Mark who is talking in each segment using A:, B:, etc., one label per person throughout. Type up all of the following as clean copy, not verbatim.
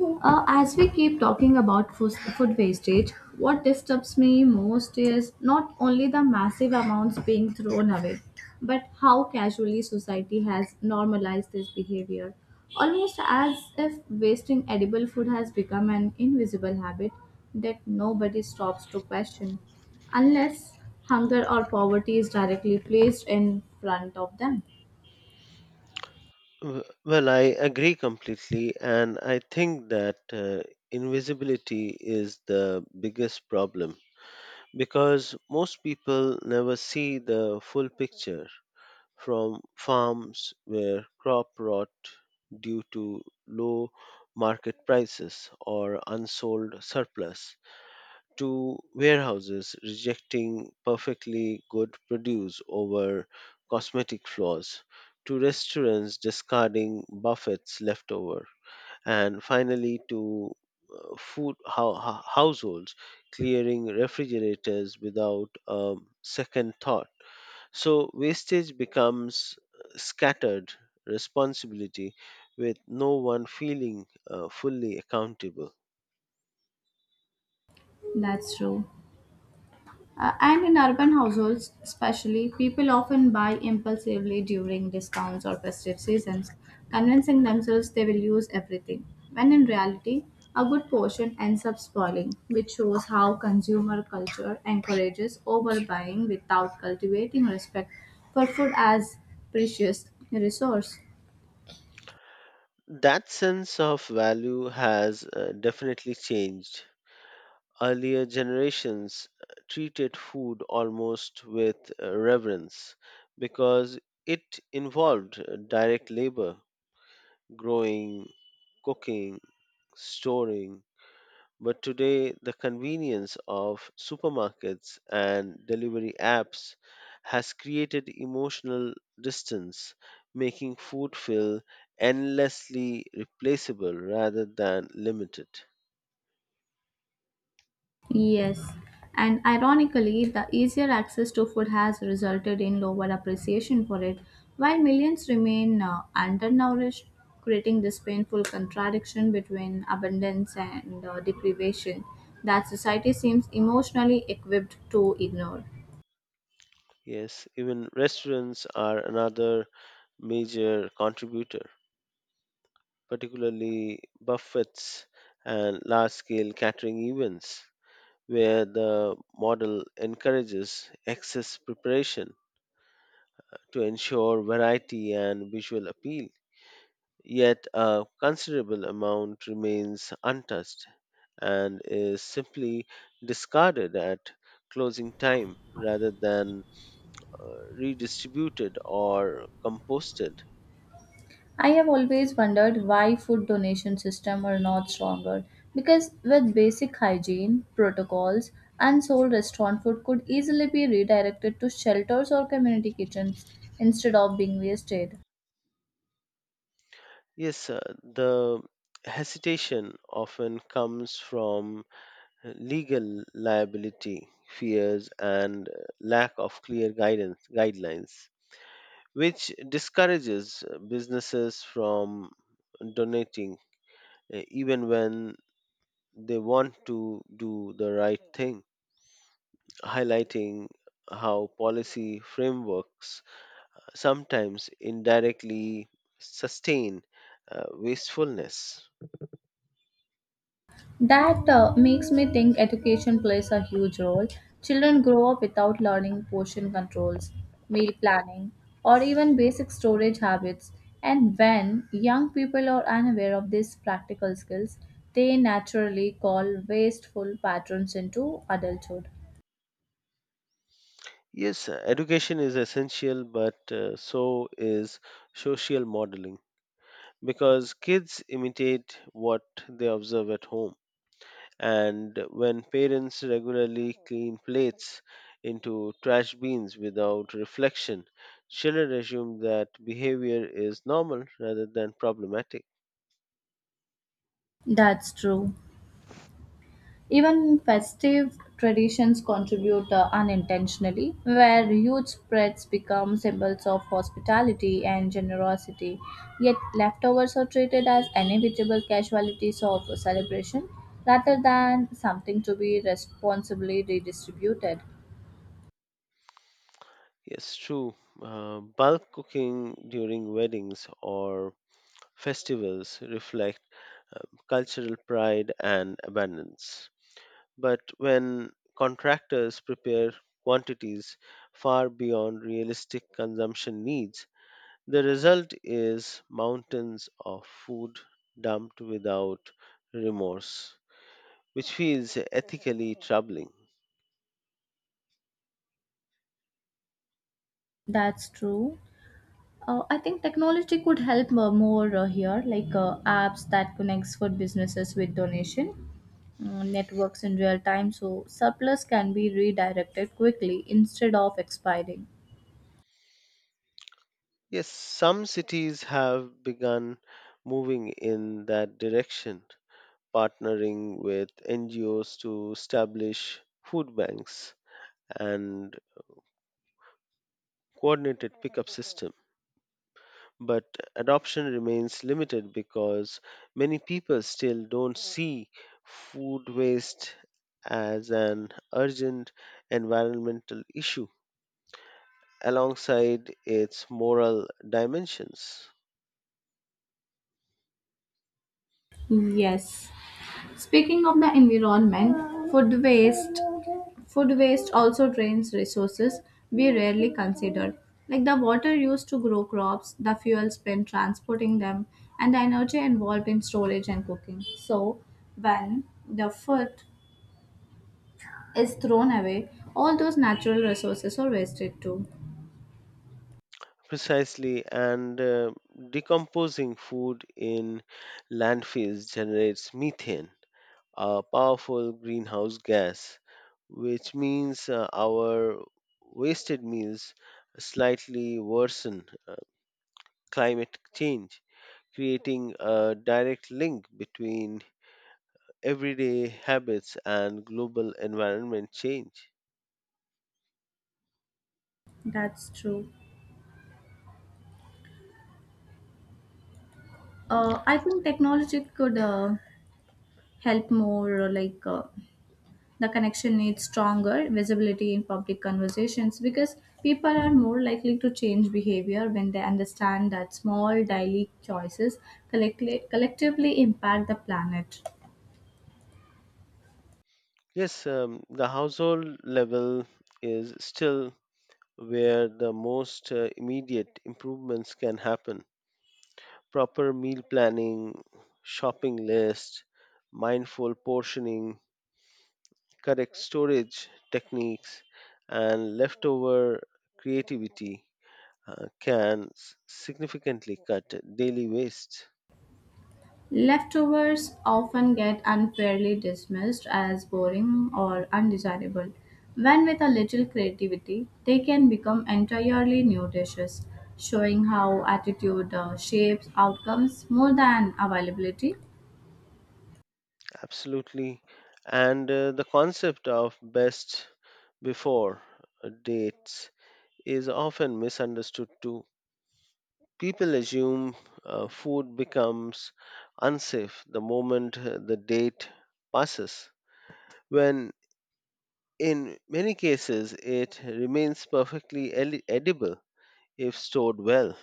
A: As we keep talking about food wastage, what disturbs me most is not only the massive amounts being thrown away, but how casually society has normalized this behavior. Almost as if wasting edible food has become an invisible habit that nobody stops to question, unless hunger or poverty is directly placed in front of them.
B: Well, I agree completely, and I think that invisibility is the biggest problem because most people never see the full picture, from farms where crop rot due to low market prices or unsold surplus, to warehouses rejecting perfectly good produce over cosmetic flaws, to restaurants discarding buffets left over, and finally to food households clearing refrigerators without a second thought. So wastage becomes scattered responsibility with no one feeling fully accountable.
A: That's true. And in urban households, especially, people often buy impulsively during discounts or festive seasons, convincing themselves they will use everything, when in reality, a good portion ends up spoiling, which shows how consumer culture encourages overbuying without cultivating respect for food as precious resource.
B: That sense of value has definitely changed. Earlier generations treated food almost with reverence because it involved direct labor: growing, cooking, storing. But today, the convenience of supermarkets and delivery apps has created emotional distance, making food feel endlessly replaceable rather than limited.
A: Yes, and ironically, the easier access to food has resulted in lower appreciation for it, while millions remain undernourished, creating this painful contradiction between abundance and deprivation that society seems emotionally equipped to ignore.
B: Yes, even restaurants are another major contributor, particularly buffets and large scale catering events, where the model encourages excess preparation to ensure variety and visual appeal. Yet a considerable amount remains untouched and is simply discarded at closing time rather than uh, redistributed or composted.
A: I have always wondered why food donation system are not stronger because with basic hygiene protocols unsold restaurant food could easily be redirected to shelters or community kitchens instead of being wasted.
B: Yes, the hesitation often comes from legal liability fears and lack of clear guidance guidelines, which discourages businesses from donating, even when they want to do the right thing, highlighting how policy frameworks sometimes indirectly sustain wastefulness.
A: That makes me think education plays a huge role. Children grow up without learning portion controls, meal planning, or even basic storage habits. And when young people are unaware of these practical skills, they naturally call wasteful patterns into adulthood.
B: Yes, education is essential, but so is social modeling, because kids imitate what they observe at home. And when parents regularly clean plates into trash bins without reflection, children assume that behavior is normal rather than problematic.
A: That's true. Even festive traditions contribute unintentionally, where huge spreads become symbols of hospitality and generosity, yet leftovers are treated as inevitable casualties of a celebration rather than something to be responsibly redistributed.
B: Yes, true. Bulk cooking during weddings or festivals reflect um, cultural pride and abundance. But when contractors prepare quantities far beyond realistic consumption needs, the result is mountains of food dumped without remorse, which feels ethically troubling.
A: That's true. I think technology could help more here, like apps that connects food businesses with donation networks in real time, so surplus can be redirected quickly instead of expiring.
B: Yes, some cities have begun moving in that direction, partnering with NGOs to establish food banks and coordinated pickup systems. But adoption remains limited because many people still don't see food waste as an urgent environmental issue alongside its moral dimensions.
A: Yes, speaking of the environment, food waste also drains resources we rarely consider, like the water used to grow crops, the fuel spent transporting them, and the energy involved in storage and cooking. So, when the food is thrown away, all those natural resources are wasted too.
B: Precisely, and decomposing food in landfills generates methane, a powerful greenhouse gas, which means our wasted meals slightly worsen climate change, creating a direct link between everyday habits and global environment change.
A: That's true. I think technology could help more, like the connection needs stronger visibility in public conversations because people are more likely to change behavior when they understand that small daily choices collectively impact the planet.
B: Yes, the household level is still where the most immediate improvements can happen. Proper meal planning, shopping list, mindful portioning, correct storage techniques, and leftover creativity can significantly cut daily waste.
A: Leftovers often get unfairly dismissed as boring or undesirable, when with a little creativity, they can become entirely new dishes, showing how attitude shapes outcomes more than availability.
B: Absolutely. And the concept of best before dates is often misunderstood too. People assume food becomes unsafe the moment the date passes, when in many cases it remains perfectly edible if stored well.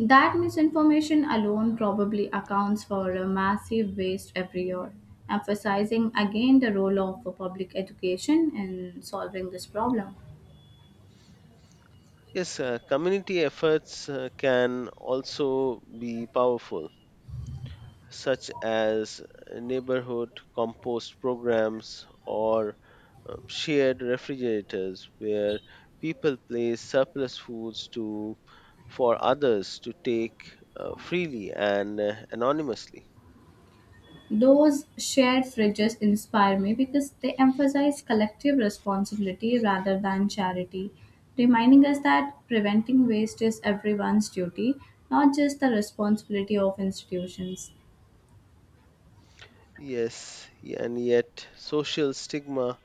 A: That misinformation alone probably accounts for a massive waste every year, emphasizing again the role of public education in solving this problem.
B: Yes, community efforts can also be powerful, such as neighborhood compost programs or shared refrigerators where people place surplus foods to for others to take freely and anonymously.
A: Those shared fridges inspire me because they emphasize collective responsibility rather than charity, reminding us that preventing waste is everyone's duty, not just the responsibility of institutions.
B: Yes, and yet social stigma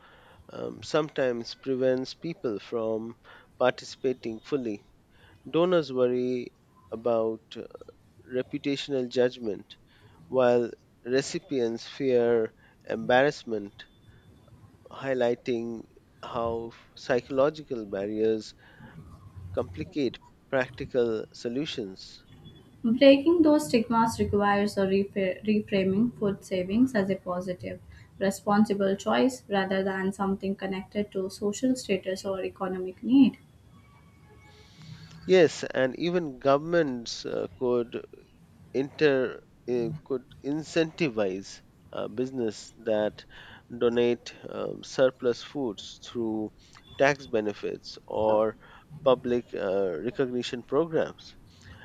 B: sometimes prevents people from participating fully. Donors worry about reputational judgment, while recipients fear embarrassment, highlighting how psychological barriers complicate practical solutions.
A: Breaking those stigmas requires a reframing food savings as a positive, responsible choice rather than something connected to social status or economic need.
B: Yes, and even governments could inter could incentivize business that donate surplus foods through tax benefits or public recognition programs,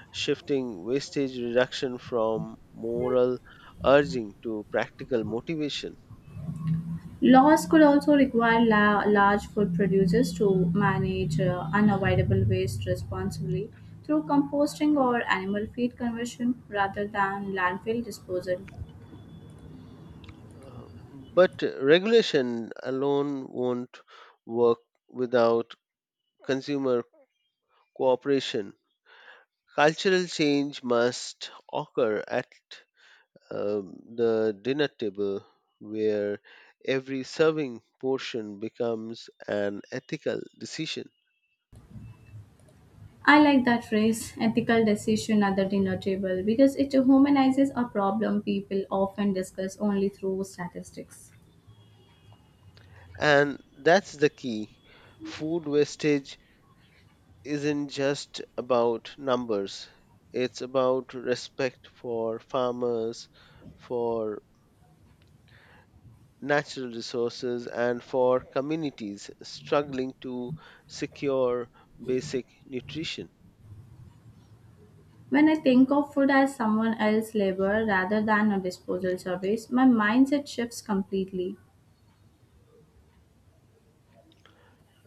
B: shifting wastage reduction from moral urging to practical motivation.
A: Laws could also require large food producers to manage unavoidable waste responsibly through composting or animal feed conversion rather than landfill disposal.
B: Uh, but regulation alone won't work without consumer cooperation. Cultural change must occur at the dinner table, where every serving portion becomes an ethical decision.
A: I like that phrase, ethical decision at the dinner table, because it humanizes a problem people often discuss only through statistics.
B: And that's the key. Food wastage isn't just about numbers, it's about respect for farmers, for natural resources, and for communities struggling to secure basic nutrition.
A: When I think of food as someone else's labor rather than a disposal service, my mindset shifts completely.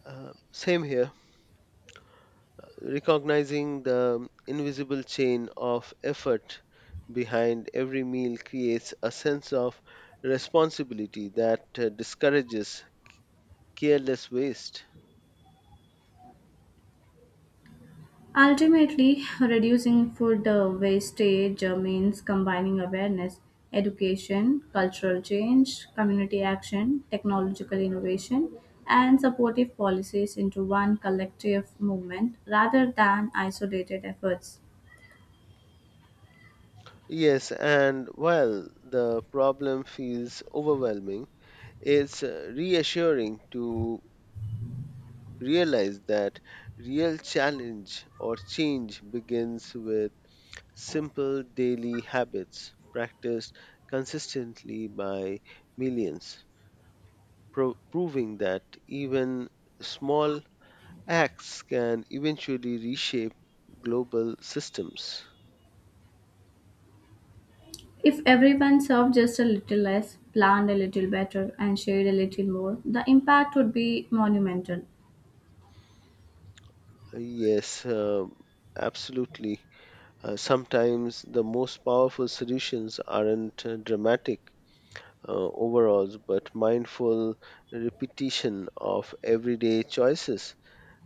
B: Same here. Recognizing the invisible chain of effort behind every meal creates a sense of responsibility that discourages careless waste.
A: Ultimately, reducing food wastage means combining awareness, education, cultural change, community action, technological innovation, and supportive policies into one collective movement rather than isolated efforts.
B: Yes, and while the problem feels overwhelming, it's reassuring to realize that real challenge or change begins with simple daily habits practiced consistently by millions, proving that even small acts can eventually reshape global systems.
A: If everyone served just a little less, planned a little better, and shared a little more, the impact would be monumental.
B: Yes, absolutely. Sometimes the most powerful solutions aren't dramatic overalls, but mindful repetition of everyday choices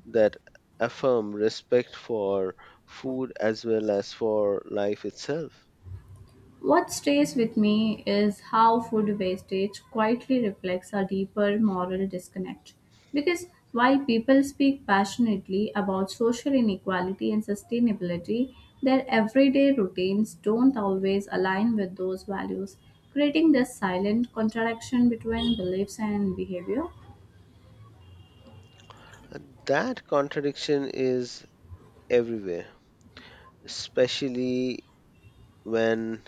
B: that affirm respect for food as well as for life itself.
A: What stays with me is how food wastage quietly reflects a deeper moral disconnect. Because while people speak passionately about social inequality and sustainability, their everyday routines don't always align with those values, creating this silent contradiction between beliefs and behavior.
B: And that contradiction is everywhere, especially when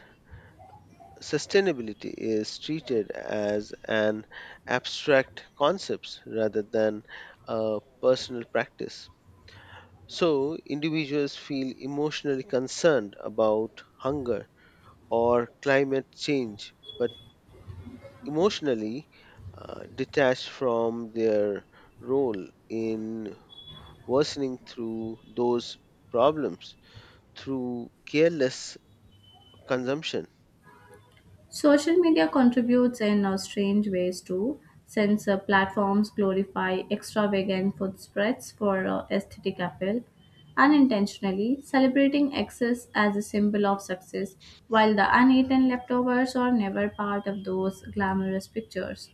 B: sustainability is treated as an abstract concept rather than a personal practice. So, individuals feel emotionally concerned about hunger or climate change, but emotionally detached from their role in worsening through those problems through careless consumption.
A: Social media contributes in strange ways too, since platforms glorify extravagant food spreads for aesthetic appeal, unintentionally celebrating excess as a symbol of success, while the uneaten leftovers are never part of those glamorous pictures.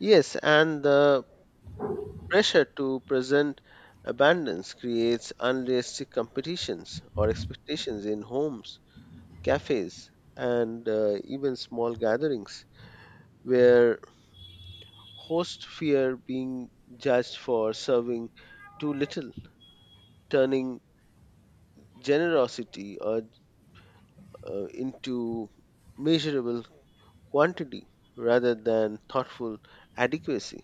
B: Yes, and the pressure to present abundance creates unrealistic competitions or expectations in homes, cafes, and even small gatherings, where hosts fear being judged for serving too little, turning generosity into measurable quantity rather than thoughtful adequacy.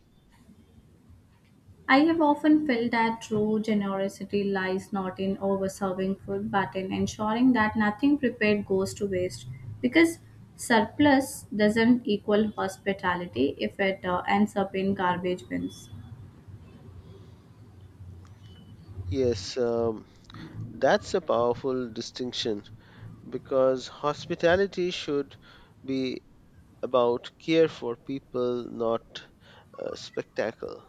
A: I have often felt that true generosity lies not in overserving food but in ensuring that nothing prepared goes to waste because surplus doesn't equal hospitality if it ends up in garbage bins.
B: Yes, that's a powerful distinction because hospitality should be about care for people, not spectacle.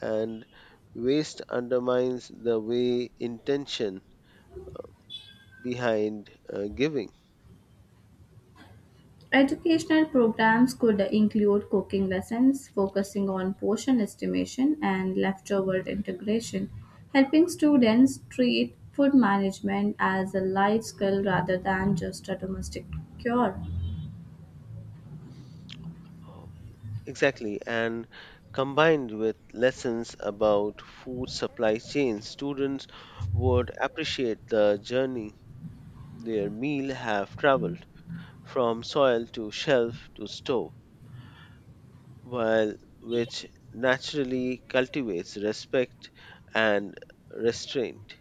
B: And waste undermines the way intention behind giving.
A: Educational programs could include cooking lessons focusing on portion estimation and leftover integration, helping students treat food management as a life skill rather than just a domestic cure.
B: Oh, exactly, and combined with lessons about food supply chains, students would appreciate the journey their meal have traveled from soil to shelf to stove, while which naturally cultivates respect and restraint.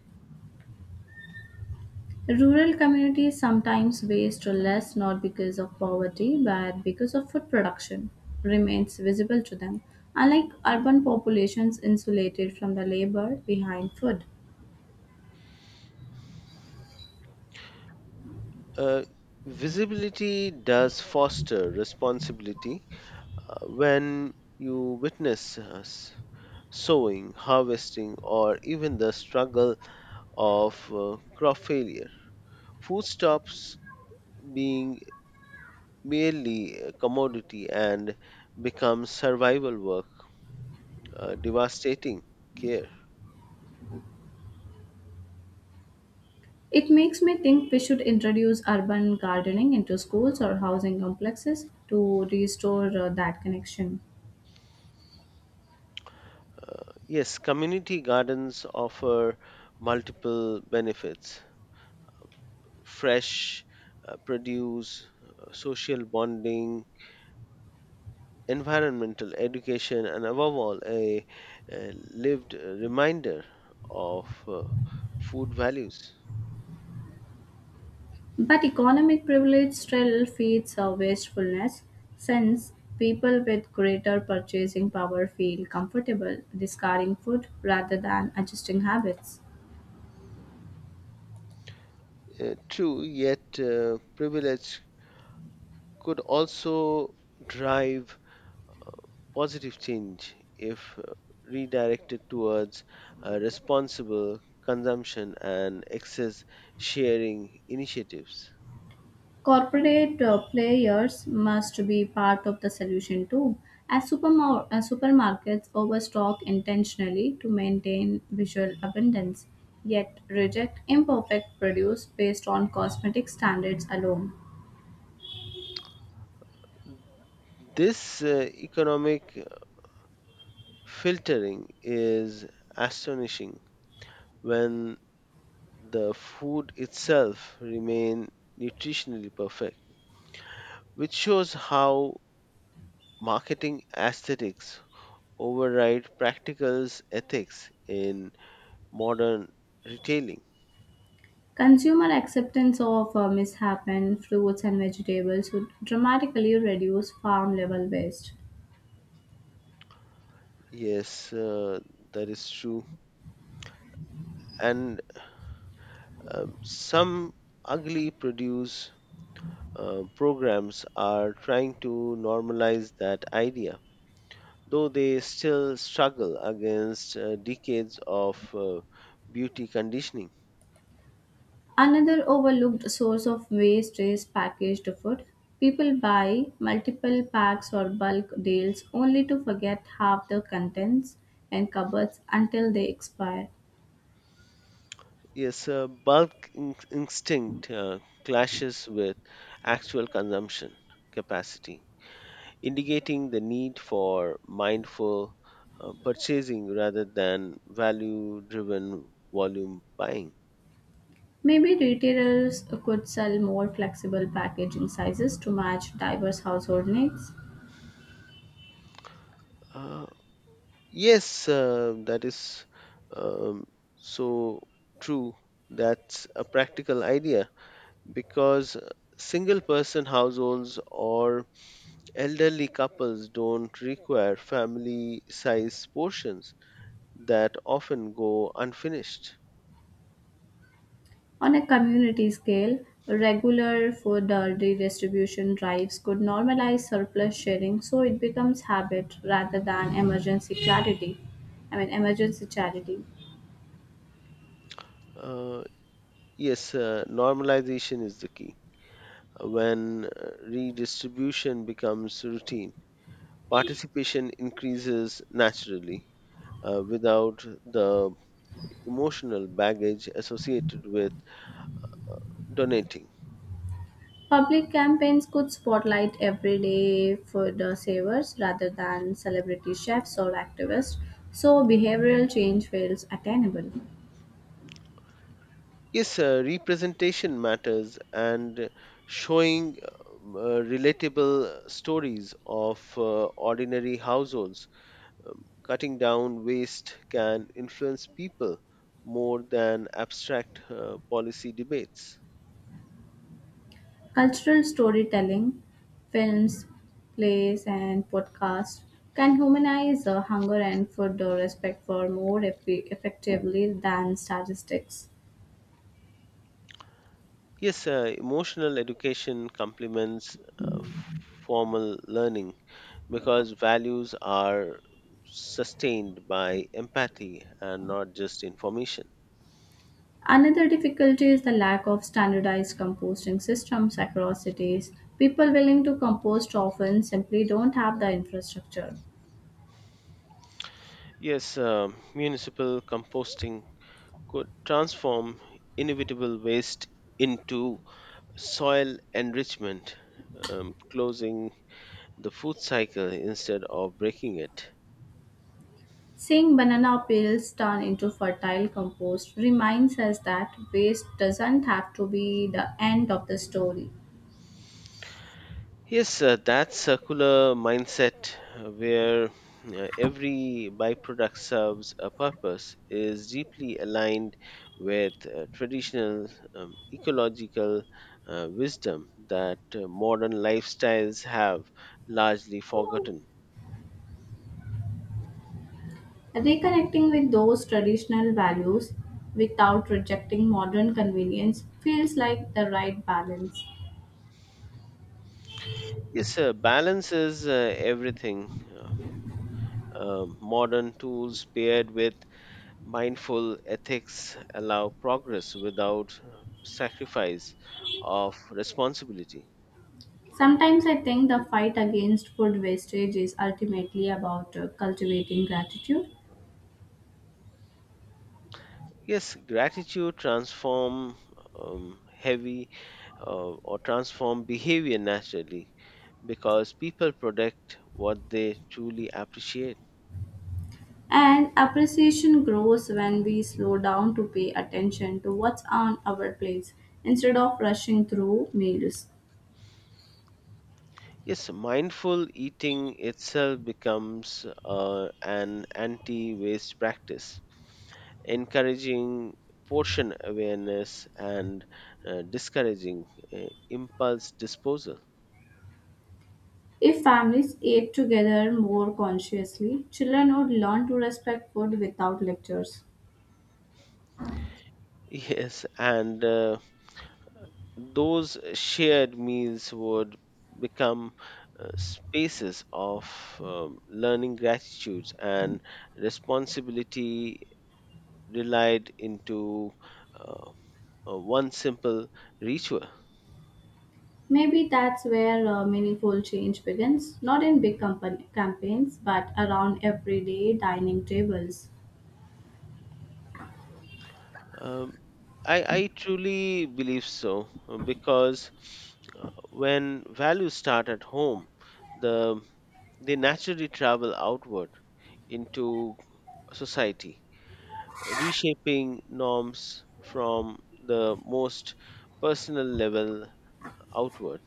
A: Rural communities sometimes waste less not because of poverty but because of food production remains visible to them, unlike urban populations insulated from the labor behind food.
B: Uh, Visibility does foster responsibility when you witness us sowing, harvesting, or even the struggle of crop failure. Food stops being merely a commodity and becomes survival work, devastating care.
A: It makes me think we should introduce urban gardening into schools or housing complexes to restore that connection.
B: Yes, community gardens offer multiple benefits: fresh produce, social bonding, environmental education, and above all, a lived reminder of food values.
A: But economic privilege still feeds our wastefulness, since people with greater purchasing power feel comfortable discarding food rather than adjusting habits.
B: True, yet privilege could also drive positive change if redirected towards responsible consumption and excess sharing initiatives.
A: Corporate players must be part of the solution too, as supermarkets overstock intentionally to maintain visual abundance, yet reject imperfect produce based on cosmetic standards alone.
B: This economic filtering is astonishing when the food itself remain nutritionally perfect, which shows how marketing aesthetics override practical ethics in modern retailing.
A: Consumer acceptance of mishapen fruits and vegetables would dramatically reduce farm level waste.
B: Yes, that is true. And some ugly produce programs are trying to normalize that idea, though they still struggle against decades of beauty conditioning.
A: Another overlooked source of waste is packaged food. People buy multiple packs or bulk deals only to forget half the contents in cupboards until they expire.
B: Yes, bulk instinct clashes with actual consumption capacity, indicating the need for mindful purchasing rather than value driven volume buying.
A: Maybe retailers could sell more flexible packaging sizes to match diverse household needs.
B: Uh, yes, that is um, so true. That's a practical idea because single person households or elderly couples don't require family size portions that often go unfinished.
A: On a community scale, regular food redistribution drives could normalize surplus sharing so it becomes habit rather than emergency clarity. I mean, emergency charity.
B: Uh, yes, normalization is the key. When redistribution becomes routine, participation increases naturally without the emotional baggage associated with donating.
A: Public campaigns could spotlight everyday food savers rather than celebrity chefs or activists, so behavioral change feels attainable.
B: Yes, representation matters, and showing relatable stories of ordinary households, cutting down waste can influence people more than abstract policy debates.
A: Cultural storytelling, films, plays, and podcasts can humanize hunger and food respect for more effectively than statistics.
B: Yes, emotional education complements uh, f- formal learning because values are sustained by empathy and not just information.
A: Another difficulty is the lack of standardized composting systems across cities. People willing to compost often simply don't have the infrastructure.
B: Yes, municipal composting could transform inevitable waste into soil enrichment, closing the food cycle instead of breaking it.
A: Seeing banana peels turn into fertile compost reminds us that waste doesn't have to be the end of the story.
B: Yes, that circular mindset where every byproduct serves a purpose is deeply aligned with traditional ecological wisdom that modern lifestyles have largely forgotten.
A: Reconnecting with those traditional values without rejecting modern convenience feels like the right balance.
B: Yes, balance is everything. Modern tools paired with mindful ethics allow progress without sacrifice of responsibility.
A: Sometimes I think the fight against food wastage is ultimately about cultivating gratitude.
B: Yes, gratitude transform heavy or transform behavior naturally because people protect what they truly appreciate.
A: And appreciation grows when we slow down to pay attention to what's on our plates instead of rushing through meals.
B: Yes, mindful eating itself becomes an anti waste practice, encouraging portion awareness and discouraging impulse disposal.
A: If families ate together more consciously, children would learn to respect food without lectures.
B: Yes, and those shared meals would become spaces of learning gratitudes and responsibility relied into uh, one simple ritual.
A: Maybe that's where meaningful change begins, not in big company campaigns, but around everyday dining tables.
B: Um, I truly believe so, because uh, when values start at home, the they naturally travel outward into society, reshaping norms from the most personal level outward.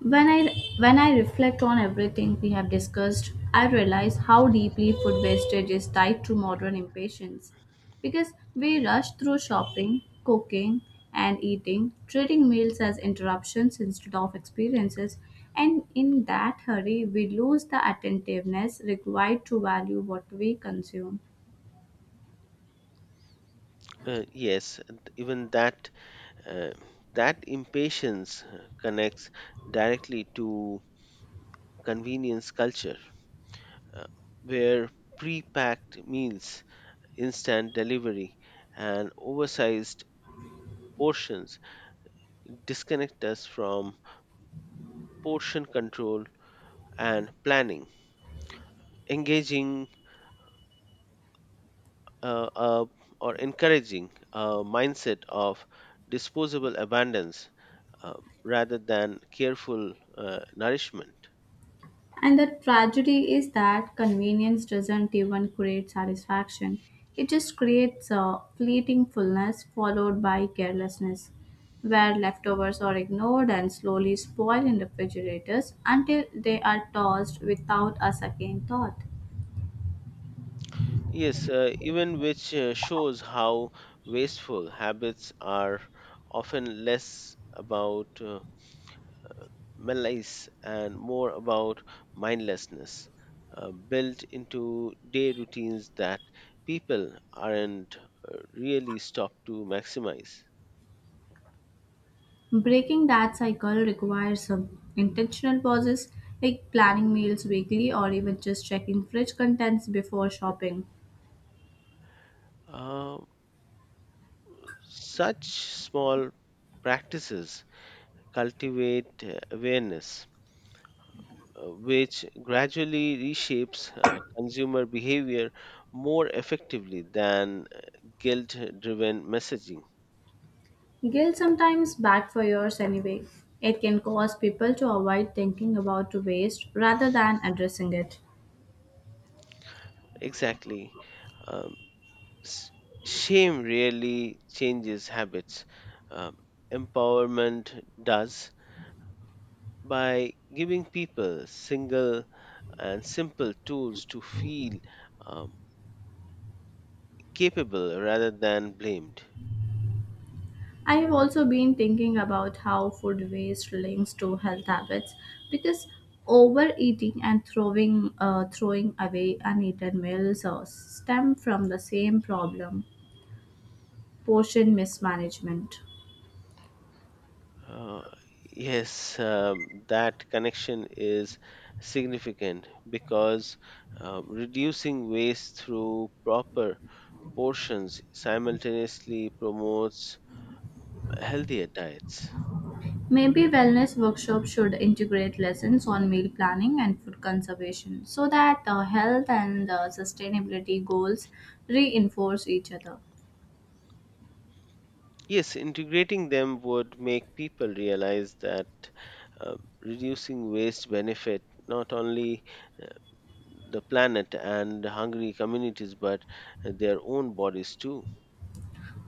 A: When I when I reflect on everything we have discussed, I realize how deeply food wastage is tied to modern impatience. Because we rush through shopping, cooking, and eating, treating meals as interruptions instead of experiences, and in that hurry, we lose the attentiveness required to value what we consume.
B: Yes, and even that uh, that impatience connects directly to convenience culture, uh, where pre-packed meals, instant delivery, and oversized portions disconnect us from portion control and planning. Engaging uh, uh, or encouraging a mindset of disposable abundance uh, rather than careful nourishment.
A: And the tragedy is that convenience doesn't even create satisfaction. It just creates a fleeting fullness followed by carelessness, where leftovers are ignored and slowly spoil in refrigerators until they are tossed without a second thought.
B: Yes, even which shows how wasteful habits are often less about malaise and more about mindlessness, built into day routines that people aren't really stopped to maximize.
A: Breaking that cycle requires some intentional pauses like planning meals weekly or even just checking fridge contents before shopping.
B: Uh, Such small practices cultivate awareness, which gradually reshapes consumer behavior more effectively than guilt driven messaging.
A: Guilt sometimes backfires anyway. It can cause people to avoid thinking about waste rather than addressing it.
B: Exactly. Um, s- Shame really changes habits. Um, Empowerment does, by giving people single and simple tools to feel um, capable rather than blamed.
A: I have also been thinking about how food waste links to health habits because overeating and throwing away uneaten meals stem from the same problem portion mismanagement.
B: Uh, yes, that connection is significant because reducing waste through proper portions simultaneously promotes healthier diets.
A: Maybe wellness workshops should integrate lessons on meal planning and food conservation so that health and sustainability goals reinforce each other.
B: Yes, integrating them would make people realize that uh, reducing waste benefit not only uh, the planet and hungry communities but their own bodies too.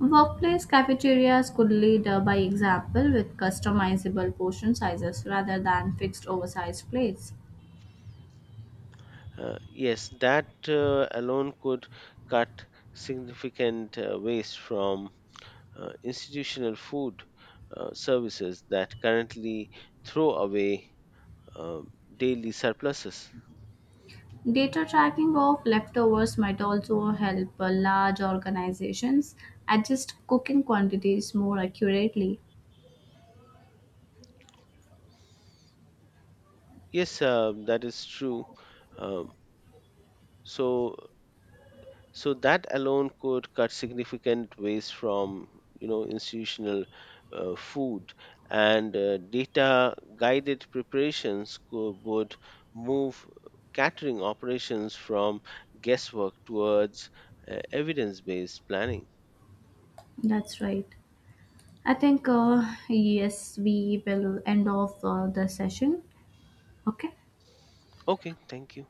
A: Workplace cafeterias could lead by example with customizable portion sizes rather than fixed oversized plates.
B: Yes, that alone could cut significant waste from institutional food services that currently throw away um daily surpluses.
A: Data tracking of leftovers might also help large organizations adjust cooking quantities more accurately.
B: Yes, that is true. Um, so so that alone could cut significant waste from you know institutional food and data guided preparations would move catering operations from guesswork towards evidence based planning.
A: That's right. I think, yes, we will end off the session. Okay.
B: Okay, thank you.